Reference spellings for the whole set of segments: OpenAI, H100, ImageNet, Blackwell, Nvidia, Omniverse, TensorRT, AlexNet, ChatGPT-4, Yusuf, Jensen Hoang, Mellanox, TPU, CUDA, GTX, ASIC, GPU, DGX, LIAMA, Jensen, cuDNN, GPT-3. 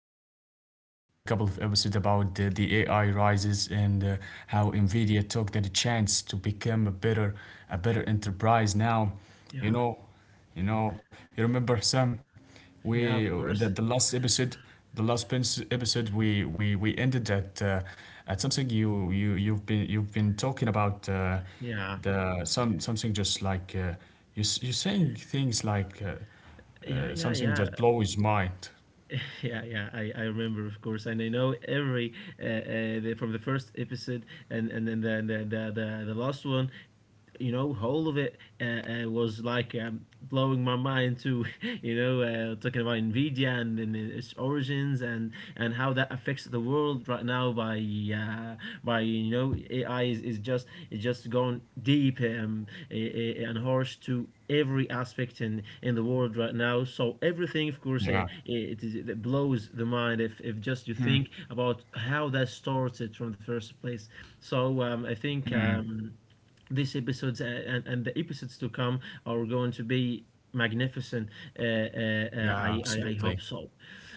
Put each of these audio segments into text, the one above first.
talked about the last couple of episodes about the AI rises and how Nvidia took that chance to become a better enterprise now. You Yeah, know, you know, you remember Sam? yeah, We of the, course. the last episode, the last episode we ended at something you've been talking about Yeah. the something just like you're saying things like Yeah, yeah, something yeah, that blows mind. yeah, yeah. I remember, of course, and I know every the, from the first episode and then the the last one. You know, whole of it was like blowing my mind to, you know, talking about Nvidia and its origins and how that affects the world right now by uh, by, you know, AI is, is just gone deep, and harsh to every aspect in the world right now, so everything, of course, Yeah, it, it blows the mind if just you think about how that started from the first place. So I think these episodes and the episodes to come are going to be magnificent. Yeah, I absolutely. hope so.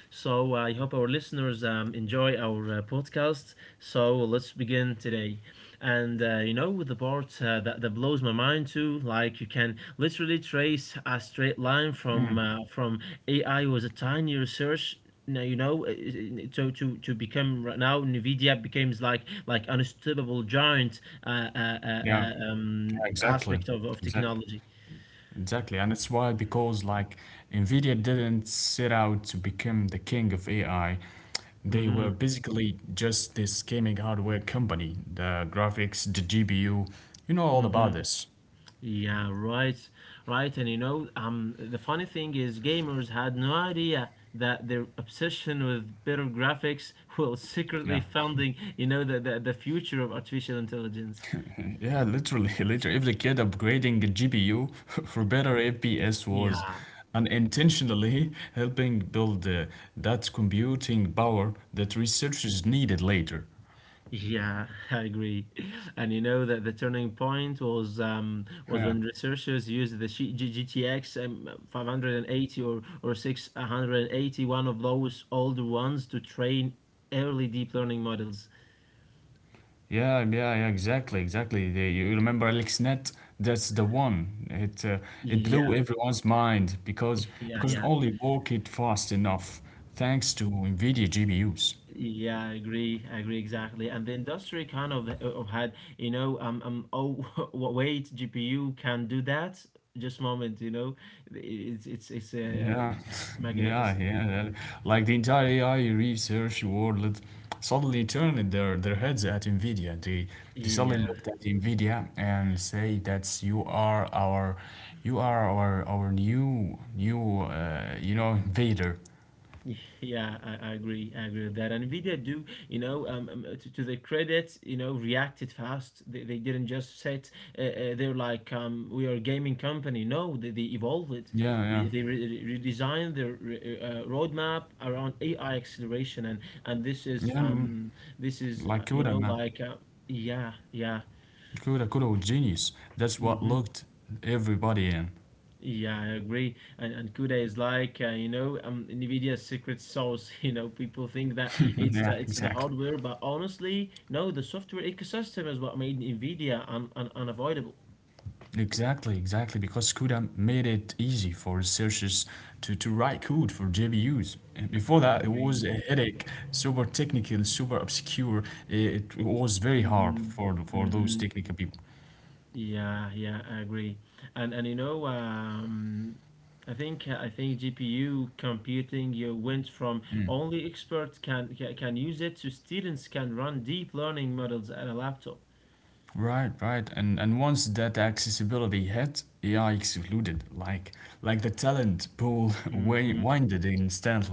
So I hope our listeners enjoy our podcast. So let's begin today. And you know, with the part that, that blows my mind too, like you can literally trace a straight line from AI was a tiny research now, you know, so to become right now nvidia becomes like unstoppable giant Yeah, yeah, exactly, aspect of exactly. technology. Exactly, and it's why because like Nvidia didn't set out to become the king of AI. They were Hmm. basically just this gaming hardware company, the graphics, the GPU. You know all Hmm. about this. Yeah, right. Right, and the funny thing is gamers had no idea that their obsession with better graphics was Yeah. secretly funding, you know, the future of artificial intelligence. Yeah, literally, literally. If the kid upgrading a GPU for better FPS was Yeah. unintentionally helping build that computing power that researchers needed later. Yeah, I agree. And you know that the turning point was when researchers used the GTX 580 or 680, one of those older ones, to train early deep learning models. Yeah, exactly. They, you remember AlexNet? That's the one. It blew Yeah, everyone's mind because yeah, because it yeah. only worked it fast enough thanks to NVIDIA GPUs. Yeah, I agree. I agree exactly. And the industry kind of had, you know, oh, wait, GPU can do that. Just moment, you know, it's Yeah, yeah, magnificent. yeah. Like the entire AI research world suddenly turned their heads at NVIDIA. They suddenly Yeah, looked at NVIDIA and say that you are our new, you know, invader. yeah, I agree. I agree with that. And Nvidia do, you know, to their credit, you know, reacted fast. They didn't just set. They're like, we are a gaming company. No, they evolved it. Yeah, yeah. They redesigned their roadmap around AI acceleration, and Yeah, mm, this is like Kuda, man. Yeah yeah. Kuda was genius. That's what Mm-hmm. looked everybody in. Yeah, I agree. And CUDA is like NVIDIA's secret sauce. You know, people think that Yeah, it's the exactly. hardware, but honestly, no, the software ecosystem is what made NVIDIA un un unavoidable. Exactly, exactly, because CUDA made it easy for researchers to write code for GPUs. And before I that, it was agree. a headache, super technical, super obscure. It was very Mm-hmm. hard for Mm-hmm. those technical people. Yeah, yeah, I agree. And you know, I think GPU computing you went from only experts can use it to students can run deep learning models at a laptop. Right. And once that accessibility hit, AI exploded, like the talent pool Mm-hmm. winded instantly.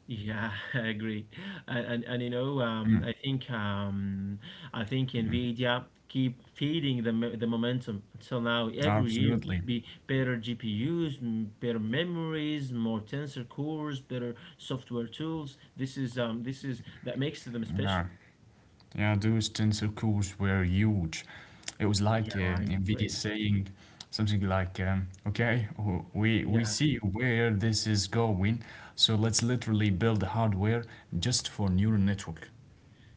Yeah, I agree. And you know, I think Nvidia keep feeding the the momentum until now. Every year, Absolutely. be better GPUs, better memories, more tensor cores, better software tools. This is that makes them Yeah. special. Yeah, those tensor cores were huge. It was Yeah, like I NVIDIA agree. saying something like, okay, we see where this is going, so let's literally build hardware just for neural network.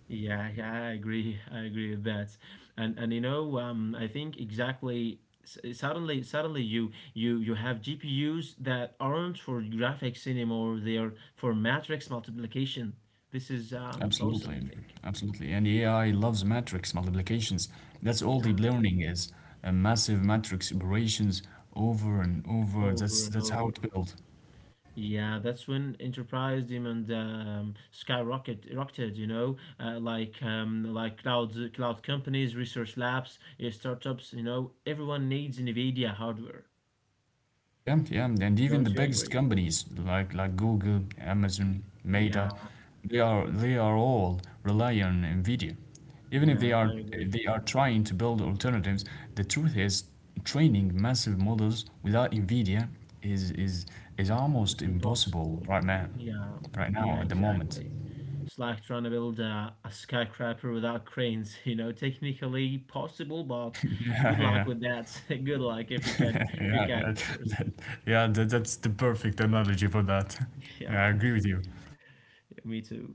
Yeah, yeah, I agree. I agree with that. And you know, I think exactly. Suddenly, you have GPUs that aren't for graphics anymore. They are for matrix multiplication. This is awesome, Absolutely. I think. Absolutely. And AI loves matrix multiplications. That's all deep Yeah, learning is. A massive matrix operations over and over. That's over and that's how it over. builds. Yeah, that's when enterprise demand skyrocket rocketed, you know, like cloud companies, research labs, startups, you know, everyone needs NVIDIA hardware. Yeah, yeah, and even the Don't you biggest agree? companies like Google, Amazon, Yeah, Meta, they are all rely on NVIDIA. Even if they yeah, I are agree. they are trying to build alternatives, the truth is training massive models without NVIDIA is is is It's just almost impossible impossible. right now, Yeah, right yeah, now at the moment. exactly. It's like trying to build a skyscraper without cranes, you know, technically possible, but Yeah, good luck yeah, with that. Good luck yeah, if you can, yeah. of course. That, yeah, that, that's the perfect analogy for that. Yeah, I Yeah, agree with you. me too.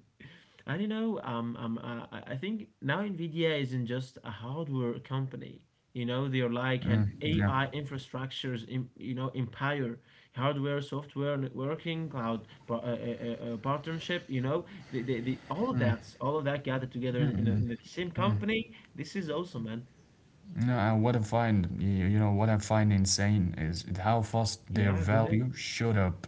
I don't know. I think now NVIDIA isn't just a hardware company. You know, they're like an Mm, yeah. AI infrastructures, you know, empire, hardware, software, networking, partnership. You know, all of that gathered together in, in the same company. This is awesome, man. No, and what I find, you know, what I find insane is how fast their Yeah, go ahead. value shot up.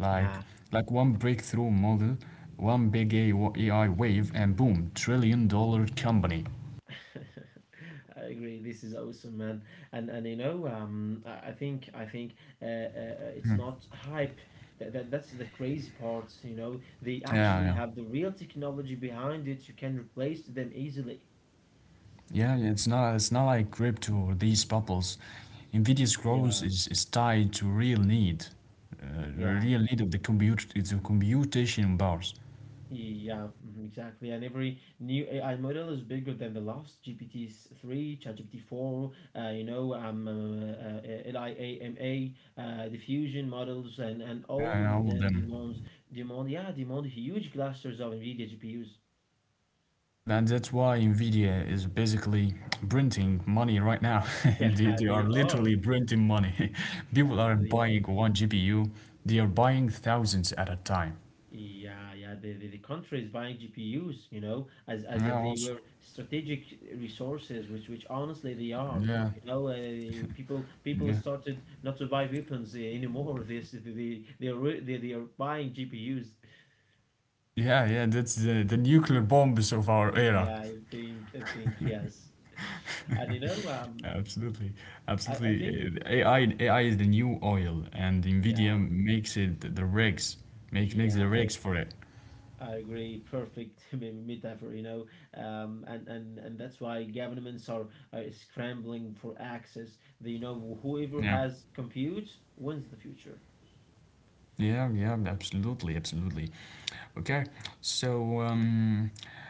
Yeah. Like, like one breakthrough model, one big AI wave, and boom, trillion-dollar company. I agree. This is awesome, man. And you know, I think it's Hmm. not hype. That that's the crazy part. You know, they actually Yeah, have the real technology behind it. You can replace them easily. yeah. It's not like crypto or these bubbles. Nvidia's Yeah, growth is tied to real need, the yeah. real need of the compute, to computation bars. Yeah, mhm, exactly. And every new AI model is bigger than the last. GPT-3, ChatGPT-4, you know, LIAMA, diffusion models, and Yeah, all yeah, of all of them them. demands demand yeah demand huge clusters of NVIDIA GPUs. Hi, man, that's why Nvidia is basically printing money right now. Yeah, they they are are. literally printing money. People Yeah, aren't they are. buying one GPU, they are buying thousands at a time. Yeah, yeah. The country is buying GPUs, you know, as Yeah, if they also- were strategic resources, which honestly they are. yeah, You know, people yeah, started not to buy weapons anymore. This they they are buying GPUs. yeah, yeah. That's the nuclear bombs of our era. Yeah, I think yes, and you know, Absolutely, I, I absolutely. think AI is the new oil, and Nvidia Yeah, makes it the rigs, makes yeah. the rigs for it. I agree. Perfect metaphor, you know, and that's why governments are scrambling for access. They know whoever Yeah, has compute wins the future. yeah. Absolutely. Okay, so um.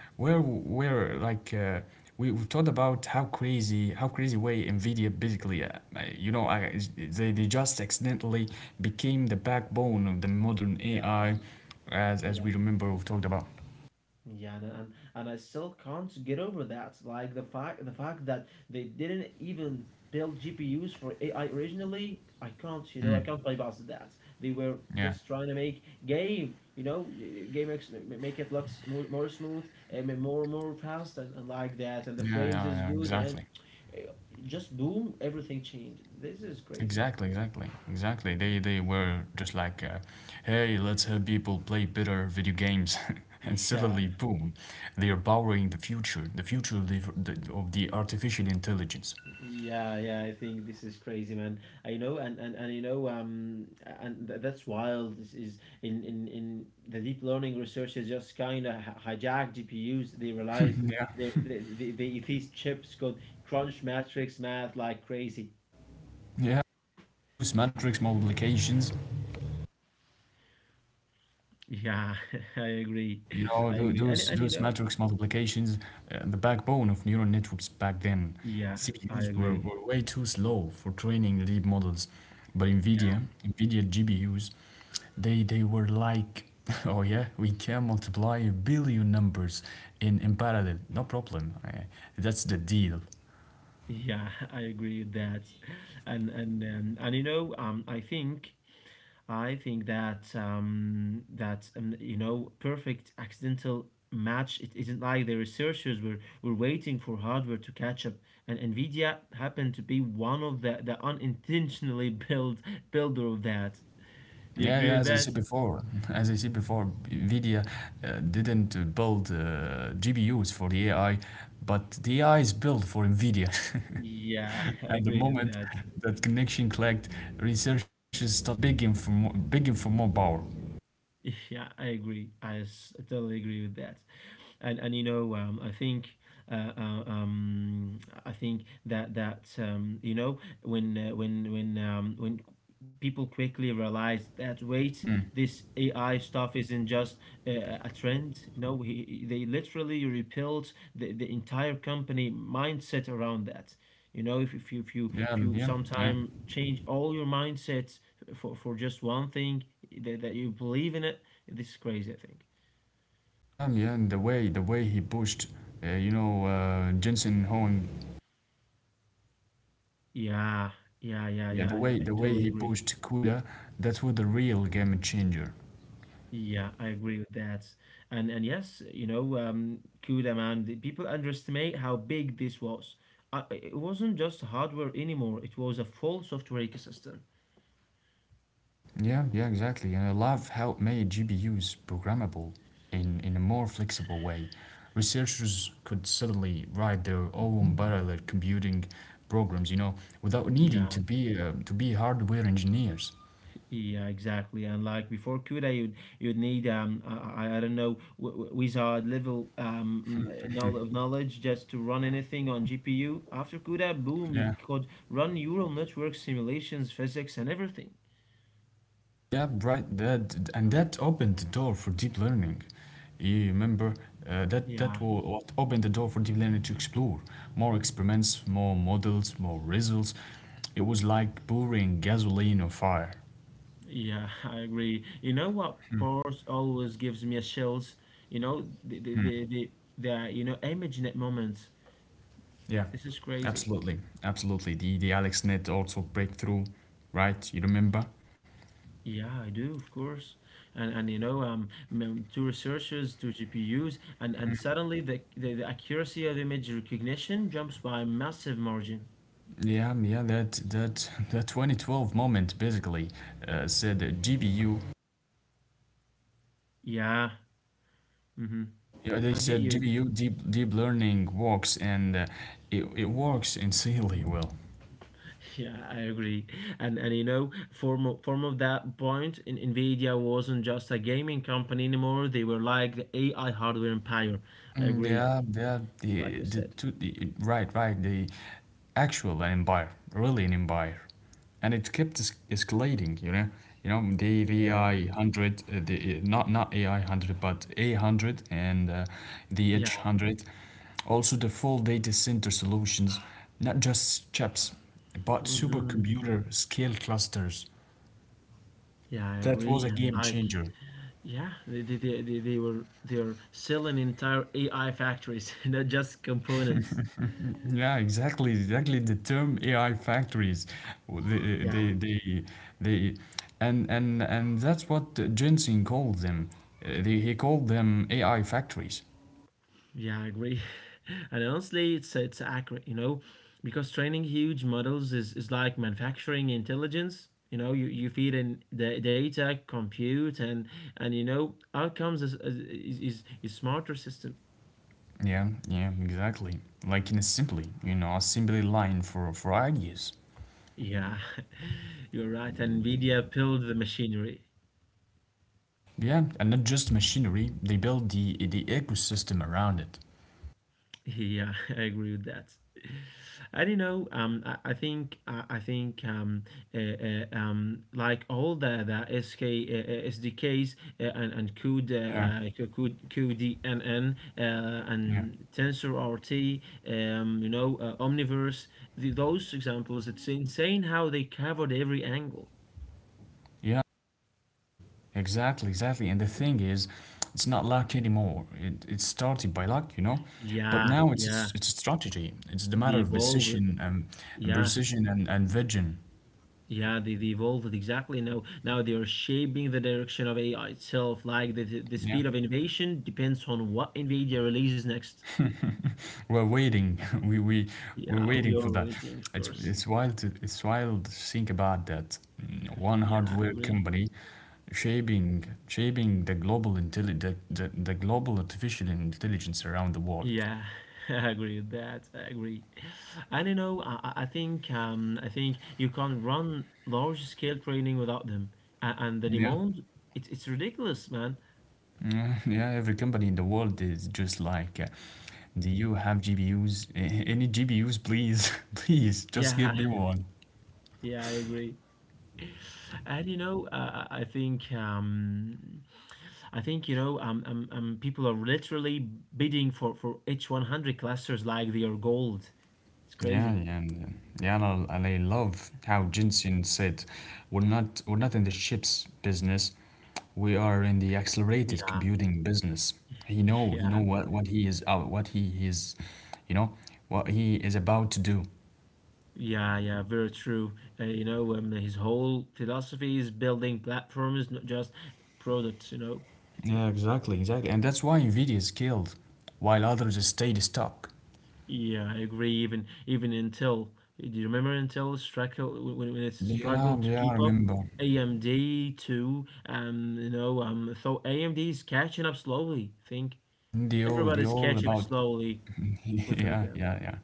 where like we talked about how crazy way Nvidia basically you know they just accidentally became the backbone of the modern AI Yeah, as we yeah. remember we've talked about. Yeah, and I still can't get over that. Like the fact that they didn't even build GPUs for AI originally, I can't, you know, I Mm. can't play past that. They were Yeah. just trying to make game, you know, make it look smooth, more smooth and more fast and like that, and the Yeah, yeah, frames is yeah, good and exactly. uh, just boom, everything changed. This is crazy. Exactly, exactly, exactly. They were just like, hey, let's have people play better video games, and suddenly, Yeah, boom, they are borrowing the future of of the artificial intelligence. yeah, yeah, I think this is crazy, man. I know, and you know, and that's wild. This is in the deep learning researchers just kind of hijacked GPUs. They realized yeah, they these chips could crunch matrix math like crazy. Yeah, those matrix multiplications, Yeah, I agree. you I know, agree. And you those know, matrix multiplications, the backbone of neural networks back then. yeah, I CPUs agree. were way too slow for training deep models, but Yeah, NVIDIA GPUs, they were like, oh yeah, we can multiply a billion numbers in parallel, no problem. That's the deal. yeah, I agree with that. And you know, I think that you know perfect accidental match. It isn't like the researchers were waiting for hardware to catch up, and Nvidia happened to be one of the unintentionally built builder of that. Do you Yeah, agree with yeah. As I that? said before, as I said before, Nvidia didn't build GPUs for the AI, but the AI is built for Nvidia. Yeah, I and agree the with that. moment that connection clicked, researchers started begging for more power. Yeah, I agree. I totally agree with that. And you know, I think. Uh, uh, um, I think that that you know when when people quickly realize that wait this AI stuff isn't just a trend no they literally rebuilt the entire company mindset around that. You know, if you if you Yeah, if you yeah, yeah, sometime change all your mindsets for just one thing that, that you believe in it, this is crazy, I think. yeah. And the way he pushed, you know, Jensen Hoang. Yeah, yeah, yeah, Yeah, yeah. the I, way I the way totally he agree. pushed CUDA, that was the real game changer. Yeah, I agree with that. And yes, you know, CUDA man, the people underestimate how big this was. It wasn't just hardware anymore. It was a full software ecosystem. Yeah, exactly. And I love how it made GPUs programmable in a more flexible way. Researchers could suddenly write their own parallel computing programs, you know, without needing Yeah, to be hardware engineers. yeah, exactly. And like before CUDA, you'd need I don't know wizard level um mm, knowl- of knowledge just to run anything on GPU. After CUDA, boom, you Yeah. could run neural network simulations, physics, and everything. Yeah, right. That and that opened the door for deep learning. You remember that Yeah, what opened the door for deep learning to explore more experiments, more models, more results. It was like pouring gasoline on fire. yeah, I agree. You know what part always gives me a chills? You know, the you know ImageNet moments. Yeah, This is crazy. absolutely, absolutely. The AlexNet also breakthrough, right? You remember? Yeah, I do, of course. And you know, to researchers, to GPUs, and suddenly the, the accuracy of image recognition jumps by a massive margin. Yeah, yeah. That that 2012 moment basically said that GBU. Yeah. Mm-hmm. Yeah, they I get said you. GBU deep learning works, and it it works insanely well. Yeah, I agree. And you know, form of that point, in, Nvidia wasn't just a gaming company anymore. They were like the AI hardware empire. I Mm, agree. Yeah, yeah, Like we the said. two the, right, right, the actual empire, really an empire, and it kept es escalating. You know the Yeah. AI hundred, the not AI hundred, but A hundred and the Yeah. H hundred, also the full data center solutions, not just chips, but Hmm. supercomputer scale clusters. Yeah, I That was agree. a And game like changer. yeah, they were they are selling entire AI factories, not just components. Yeah, exactly. The term AI factories, Well, Yeah, they and that's what Jensen called them. He called them AI factories. yeah, I agree. And honestly, it's accurate, you know, because training huge models is like manufacturing intelligence. You know, you feed in the data, compute, and you know, outcomes is is smarter system. Yeah, exactly. Like in a simply, you know, a simply line for ideas. Yeah, you're right. And NVIDIA built the machinery. Yeah, and not just machinery. They build the ecosystem around it. Yeah, I agree with that. I don't know. I think uh, like all the SK SDKs and CUD Yeah, CUD QDNN yeah, and TensorRT, you know, Omniverse. Those examples, it's insane how they covered every angle. yeah. Exactly. And the thing is, it's not luck anymore. It started by luck, you know, but Yeah, now yeah, it's a strategy. It's the they matter of evolved. precision and, Yeah, and vision. they evolved exactly now. Now they are shaping the direction of AI itself. Like the Yeah, speed of innovation depends on what NVIDIA releases next. we're waiting. We we're Yeah, we waiting are for that. waiting, of It's course. it's wild. It's wild to think about that. One Yeah, I hardware agree. company shaping the the global artificial intelligence around the world. Yeah, I agree with that. I agree. And you know, I think I think you can't run large scale training without them. And the Yeah. demand, it's ridiculous, man. Yeah, every company in the world is just like, do you have GPUs? Any GPUs, please? Please, just Yeah, give me one. yeah, I agree. And you know, I think I think people are literally bidding for H100 clusters like they are gold. It's Yeah, crazy. yeah, and, uh, yeah. And and I love how Jensen said, "We're not in the chips business. We are in the accelerated Yeah, computing business." He know yeah, what he is, you know, what he is about to do. yeah, yeah. Very true. His whole philosophy is building platforms, not just products. You know. Yeah, exactly. And that's why Nvidia is killed, while others stayed stuck. Yeah, I agree. Even Intel. Do you remember Intel struggle when it Yeah, struggled to yeah, I keep up? remember. AMD too. So AMD is catching up slowly. I think The everybody's all catching up about. slowly, with Yeah, them. yeah, yeah,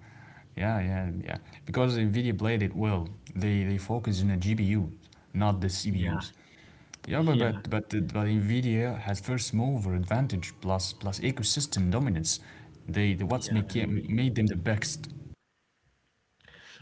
yeah. Because Nvidia played it well. They focus on the GPUs, not the Yeah, CPUs. Yeah, yeah, but Nvidia has first mover advantage plus ecosystem dominance. They the what's yeah, I agree. made them the best.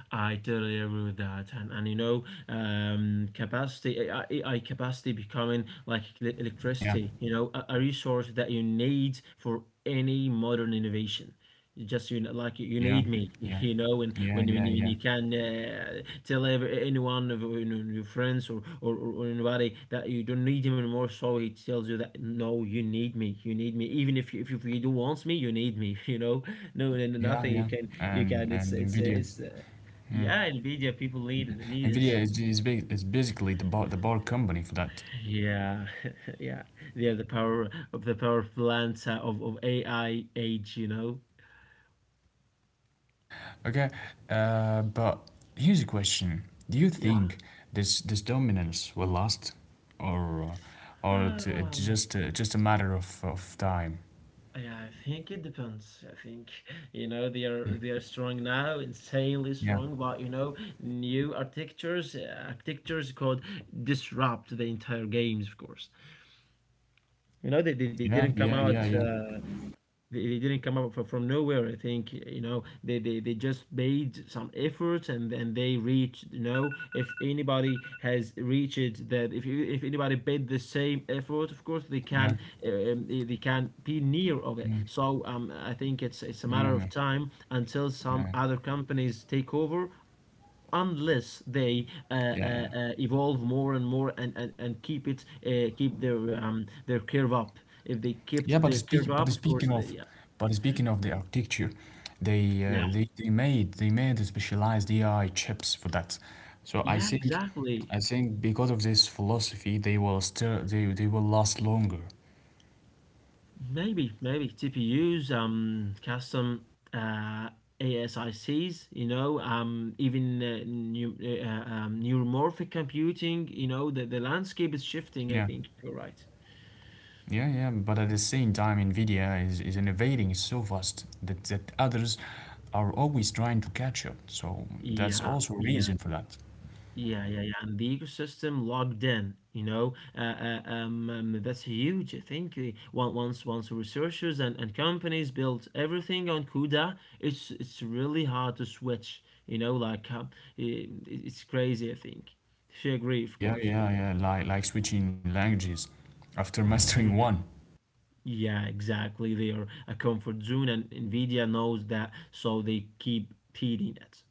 I totally agree with that, and you know, capacity AI, AI capacity becoming like Yeah, electricity, you know, a resource that you need for any modern innovation. You Just you know, like you yeah, need me, yeah, you know, and yeah, when yeah, you, when yeah. you can tell anyone of you know, your friends, or anybody, that you don't need him anymore, so he tells you that no, you need me, even if if you don't want me, you need me, you know, no, and Yeah, nothing you yeah, can you and can. It's it's. Yeah, Nvidia people need it. Need Nvidia it. Is, is basically the bar company for that. Yeah, yeah. They are the power of the power plant of AI age. You know. Okay, but here's a question: Do you Yeah. think this this dominance will last, or it's Um. Just a matter of time? Yeah, I think it depends. I think you know they are Mm, they are strong now, insanely yeah, strong. But you know, new architectures, could disrupt the entire games. Of course, you know they you didn't come yeah, out. yeah, yeah, They didn't come up from nowhere. I think you know they just made some efforts and then they reached. You know, if anybody has reached that, if anybody made the same effort, of course yeah, yeah, they can be near of it. So I think it's a matter of yeah, time until some other companies take over. Unless they yeah, yeah. evolve more and more, and keep it keep their curve up. If they kept Yeah, their curve up, of course they yeah. but speaking of the architecture, they Yeah, they made the specialized AI chips for that. So Yeah, I think exactly. Because of this philosophy, they will still they will last longer. Maybe, maybe TPUs, custom uh, ASICs, you know, even new, neuromorphic computing, you know, the landscape is shifting. I Yeah, think you're right. yeah. But at the same time, Nvidia is innovating so fast that, that others are always trying to catch up. So that's Yeah, also a yeah. reason for that. Yeah, yeah, yeah, and the ecosystem logged in, you know, that's huge. I think once researchers and companies built everything on CUDA, it's really hard to switch, you know, it's crazy, I think. If you agree, of Yeah, course. yeah, yeah. Like switching languages after mastering Hmm one. Yeah, exactly. They are a comfort zone, and NVIDIA knows that, so they keep feeding it.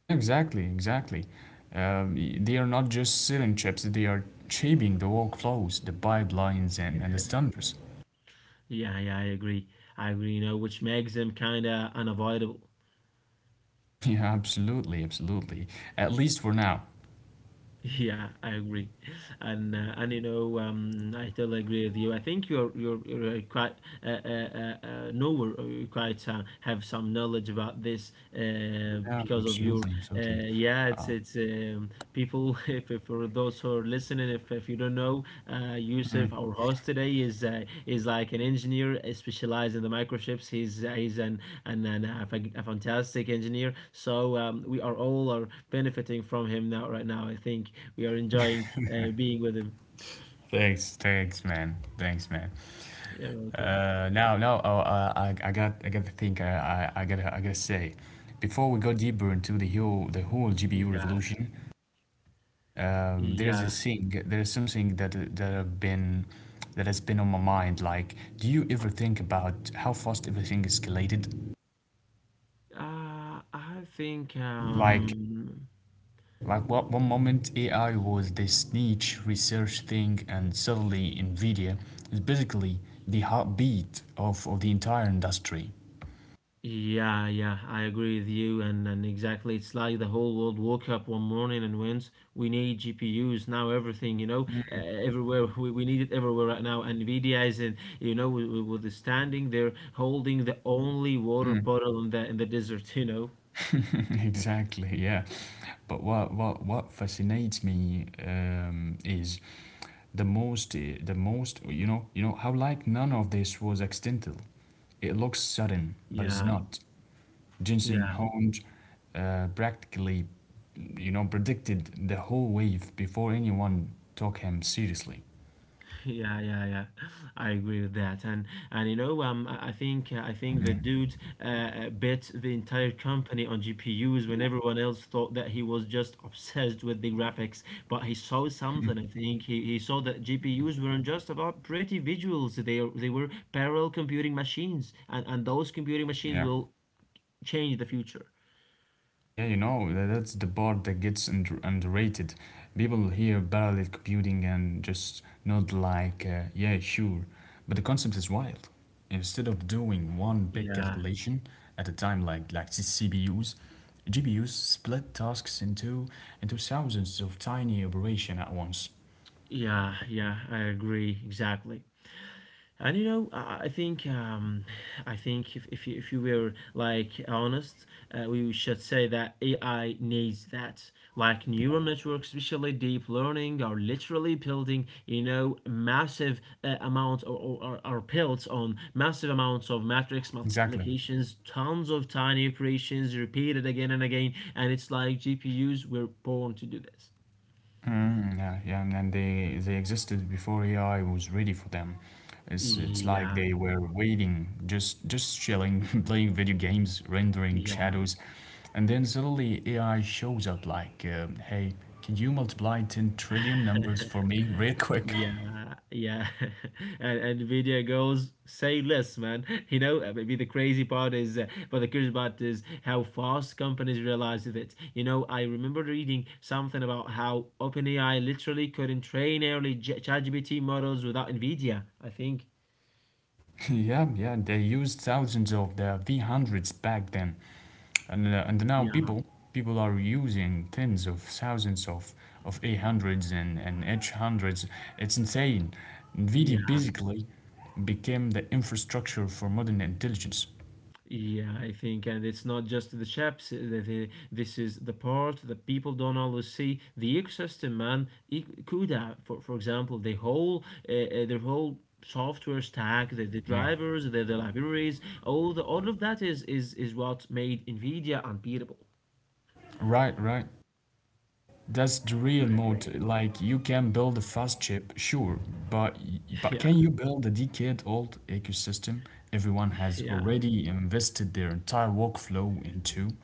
Yeah, exactly. They are not just selling chips; they are shaping the workflows, the pipelines, and the standards. Yeah, yeah, I agree. I agree, you know, which makes them kind of unavoidable. Yeah, absolutely. At least for now. Yeah, I agree, and I totally agree with you. I think you're quite know, or you quite have some knowledge about this Yeah, because of your absolutely, uh, absolutely. yeah. Uh, it's People, if for those who are listening, if you don't know, Yusuf, our host today, is like an engineer specialized in the microchips. He's a fantastic engineer, so we are all are benefiting from him now, right now. I think we are enjoying being with him. thanks, thanks, man. You're welcome. No, no. Oh, I got to think. I gotta say, before we go deeper into the whole GPU Yeah, revolution, yeah. There is something that have been, that has been on my mind. Like, do you ever think about how fast everything escalated? I think, Like, like what one moment AI was this niche research thing, and suddenly Nvidia is basically the heartbeat of the entire industry. yeah, yeah, I agree with you, and exactly, it's like the whole world woke up one morning and went, we need GPUs now, everything, you know, everywhere, we need it everywhere right now, and NVIDIA is in, you know, with the standing there, holding the only water bottle in in the desert, you know, Exactly, yeah. But what fascinates me, is the most how like none of this was accidental. It looks sudden, but it's yeah, not. Jensen yeah. Honge practically predicted the whole wave before anyone took him seriously. Yeah, yeah, yeah. I agree with that, and you know, I think I think Yeah, the dude bet the entire company on GPUs when everyone else thought that he was just obsessed with the graphics. But he saw something. I think he saw that GPUs weren't just about pretty visuals. They were parallel computing machines, and those computing machines yeah. will change the future. Yeah, you know, that's the part that gets underrated. People hear parallel computing and just nod like, yeah, sure. But the concept is wild. Instead of doing one big Yeah, calculation at a time like CPUs, GPUs split tasks into thousands of tiny operation at once. yeah, yeah. I agree exactly. And you know, I think I think if you were like honest, we should say that AI needs that. Like neural networks, especially deep learning, are literally building you know massive amounts or are built on massive amounts of matrix Exactly. multiplications, tons of tiny operations repeated again and again, and it's like GPUs were born to do this. Yeah, yeah, and then they existed before AI was ready for them. It's like they Yeah, were waiting, just chilling, playing video games, rendering yeah. shadows, and then suddenly AI shows up like, "Hey, can you multiply 10 trillion numbers for me real quick?" Yeah, yeah. And Nvidia goes, say less, man. You know, maybe the crazy part is, but the curious part is how fast companies realize that. You know, I remember reading something about how OpenAI literally couldn't train early ChatGPT models without NVIDIA, I think. Yeah, yeah, they used thousands of the V100s back then. And now Yeah, people are using tens of thousands of A100s and H100s. It's insane. NVIDIA yeah. basically became the infrastructure for modern intelligence. Yeah, I think, and it's not just the chefs. The, this is the part that people don't always see. The ecosystem, man, CUDA, for example, the whole software stack, the Yeah, drivers, the libraries, all of that is what made NVIDIA unbeatable. right, right. That's the real I mode. agree. Like you can build a fast chip, sure, but but Yeah, can you build a decade-old ecosystem everyone has yeah. already invested their entire workflow into?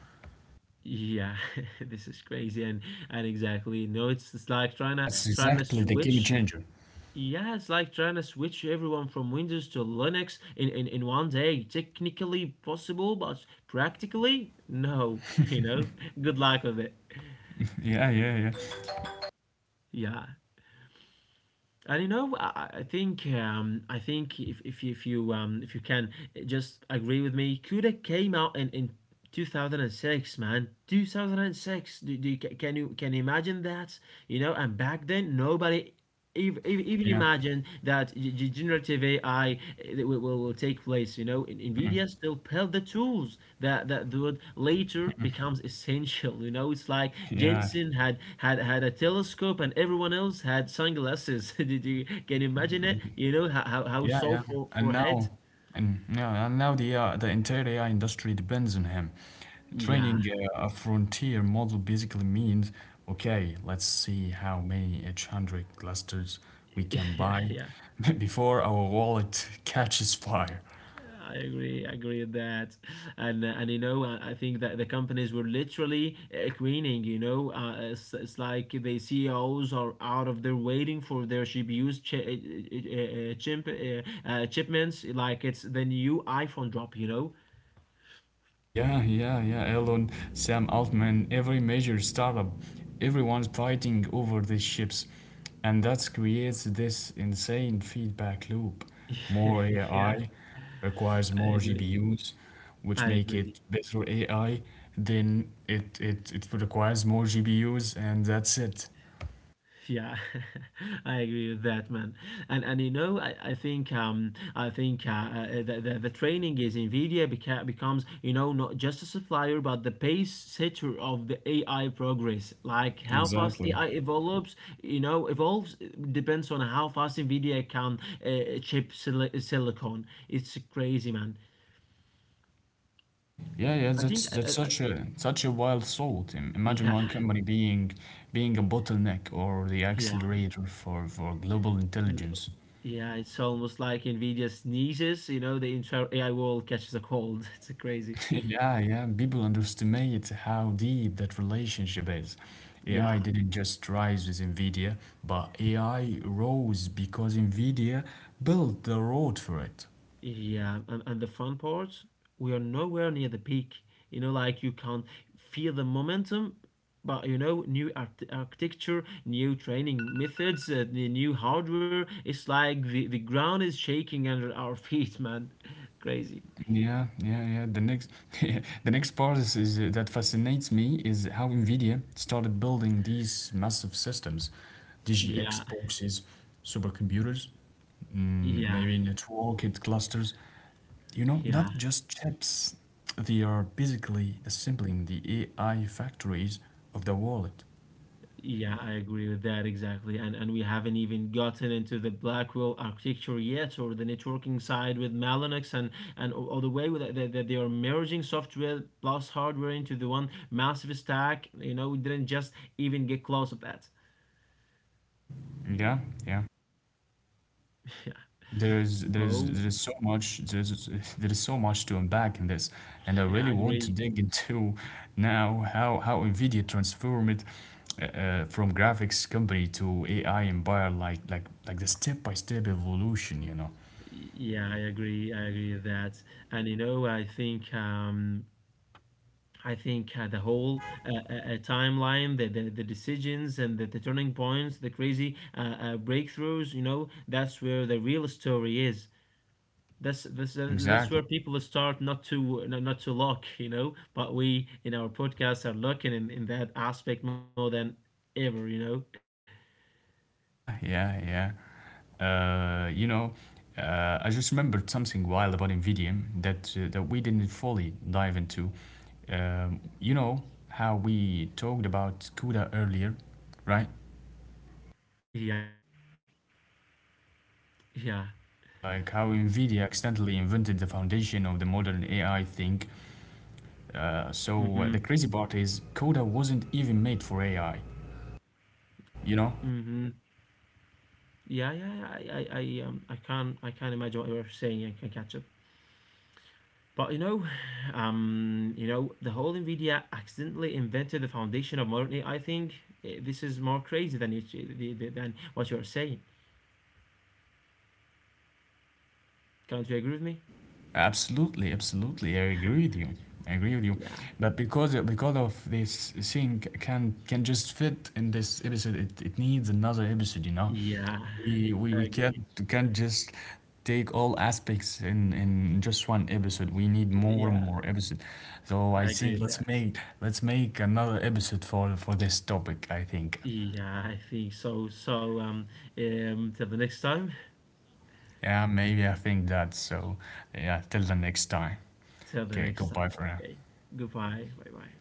Yeah, this is crazy and exactly. No, it's like trying to That's trying to exactly the game switch. changer. Yeah, it's like trying to switch everyone from Windows to Linux in one day. Technically possible, but practically, no. You know, good luck with it. Yeah, yeah, yeah, Yeah. And you know, I think I think if you can just agree with me, Cuda came out in 2006, man. 2006. Can you imagine that? You know, and back then nobody even yeah, imagine that generative AI will take place, you know, in NVIDIA still build the tools that would later becomes essential, you know, it's like yeah. Jensen had a telescope and everyone else had sunglasses. Did you, can you imagine it? You know how how Yeah, so yeah. For And heads? now, and yeah, and now the entire AI industry depends on him. Yeah, Training a frontier model basically means, okay, let's see how many H100 clusters we can yeah, buy yeah. before our wallet catches fire. I agree with that, and you know I think that the companies were literally queening. You know, it's like the CEOs are out of there waiting for their CPUs shipments. Like it's the new iPhone drop. You know, Yeah, yeah, yeah. Elon, Sam Altman, every major startup, everyone's fighting over these chips, and that creates this insane feedback loop. More yeah, AI requires I more agree, GPUs, which I make agree. it better AI. Then it requires more GPUs, and that's it. Yeah, I agree with that, man. And you know, I think the training is Nvidia becomes you know, not just a supplier but the pace setter of the AI progress. Like how fast AI Exactly. evolves, you know, evolves depends on how fast Nvidia can chip silicon. It's crazy, man. Yeah, yeah, I that's think that's such a wild thought. Imagine Yeah. one company being a bottleneck or the Yeah, accelerator for global n- intelligence. yeah, it's almost like Nvidia sneezes, you know, the entire AI world catches a cold. It's crazy. Yeah, yeah, people underestimate how deep that relationship is. Yeah, AI didn't just rise with Nvidia, but AI rose because Nvidia built the road for it. yeah, and the fun part, we are nowhere near the peak. You know, like you can feel the momentum, but you know, new architecture, new training methods, the new hardware. It's like the ground is shaking under our feet, man. Crazy. Yeah, yeah, yeah. The next, the next part is that fascinates me is how Nvidia started building these massive systems, DGX Yeah, boxes, supercomputers, yeah, maybe networked clusters. You know, not yeah. just chips. They are basically assembling the AI factories of the wallet. Yeah, I agree with that exactly. And we haven't even gotten into the Blackwell architecture yet, or the networking side with Mellanox, and all the way with that, that they are merging software plus hardware into the one massive stack. You know, we didn't just even get close of that. Yeah, yeah. Yeah. There is there is So there is so much, there is there is so much to unpack in this, and I yeah, really I want to agree. dig into now how Nvidia transformed from graphics company to AI empire, like the step by step evolution, you know. Yeah, I agree. I agree with that. And you know, I think the whole timeline, the decisions and the turning points, the crazy breakthroughs, you know, that's where the real story is. That's where Exactly. people start not to not to look, you know. But we in our podcast are looking in that aspect more than ever, you know. Yeah, yeah, yeah. You know, I just remembered something wild about Nvidia that that we didn't fully dive into. You know how we talked about Yeah, CUDA go earlier, ahead. right? Yeah. Like how NVIDIA accidentally invented the foundation of the modern AI thing. Mm-hmm. So the crazy part is, Coda wasn't even made for AI, you know? Mm-hmm. Yeah, yeah. I can't imagine what you're saying. I can catch up. But you know, the whole Nvidia accidentally invented the foundation of modern AI. I think this is more crazy than than what you're saying. Can't you agree with me? Absolutely, absolutely. I agree with you. I agree with you. Yeah, But because of this thing can just fit in this episode, it needs another episode, you know. yeah, I We can't agree. we can't just take all aspects in just one episode. We need more and Yeah, more episode. So I I agree think with let's that. make let's make another episode for this topic, I think. Yeah, I think so. So, till the next time. Yeah, maybe I think that, so yeah, till the next time. Till the Okay, next goodbye time. for now. Okay. Goodbye. Bye bye.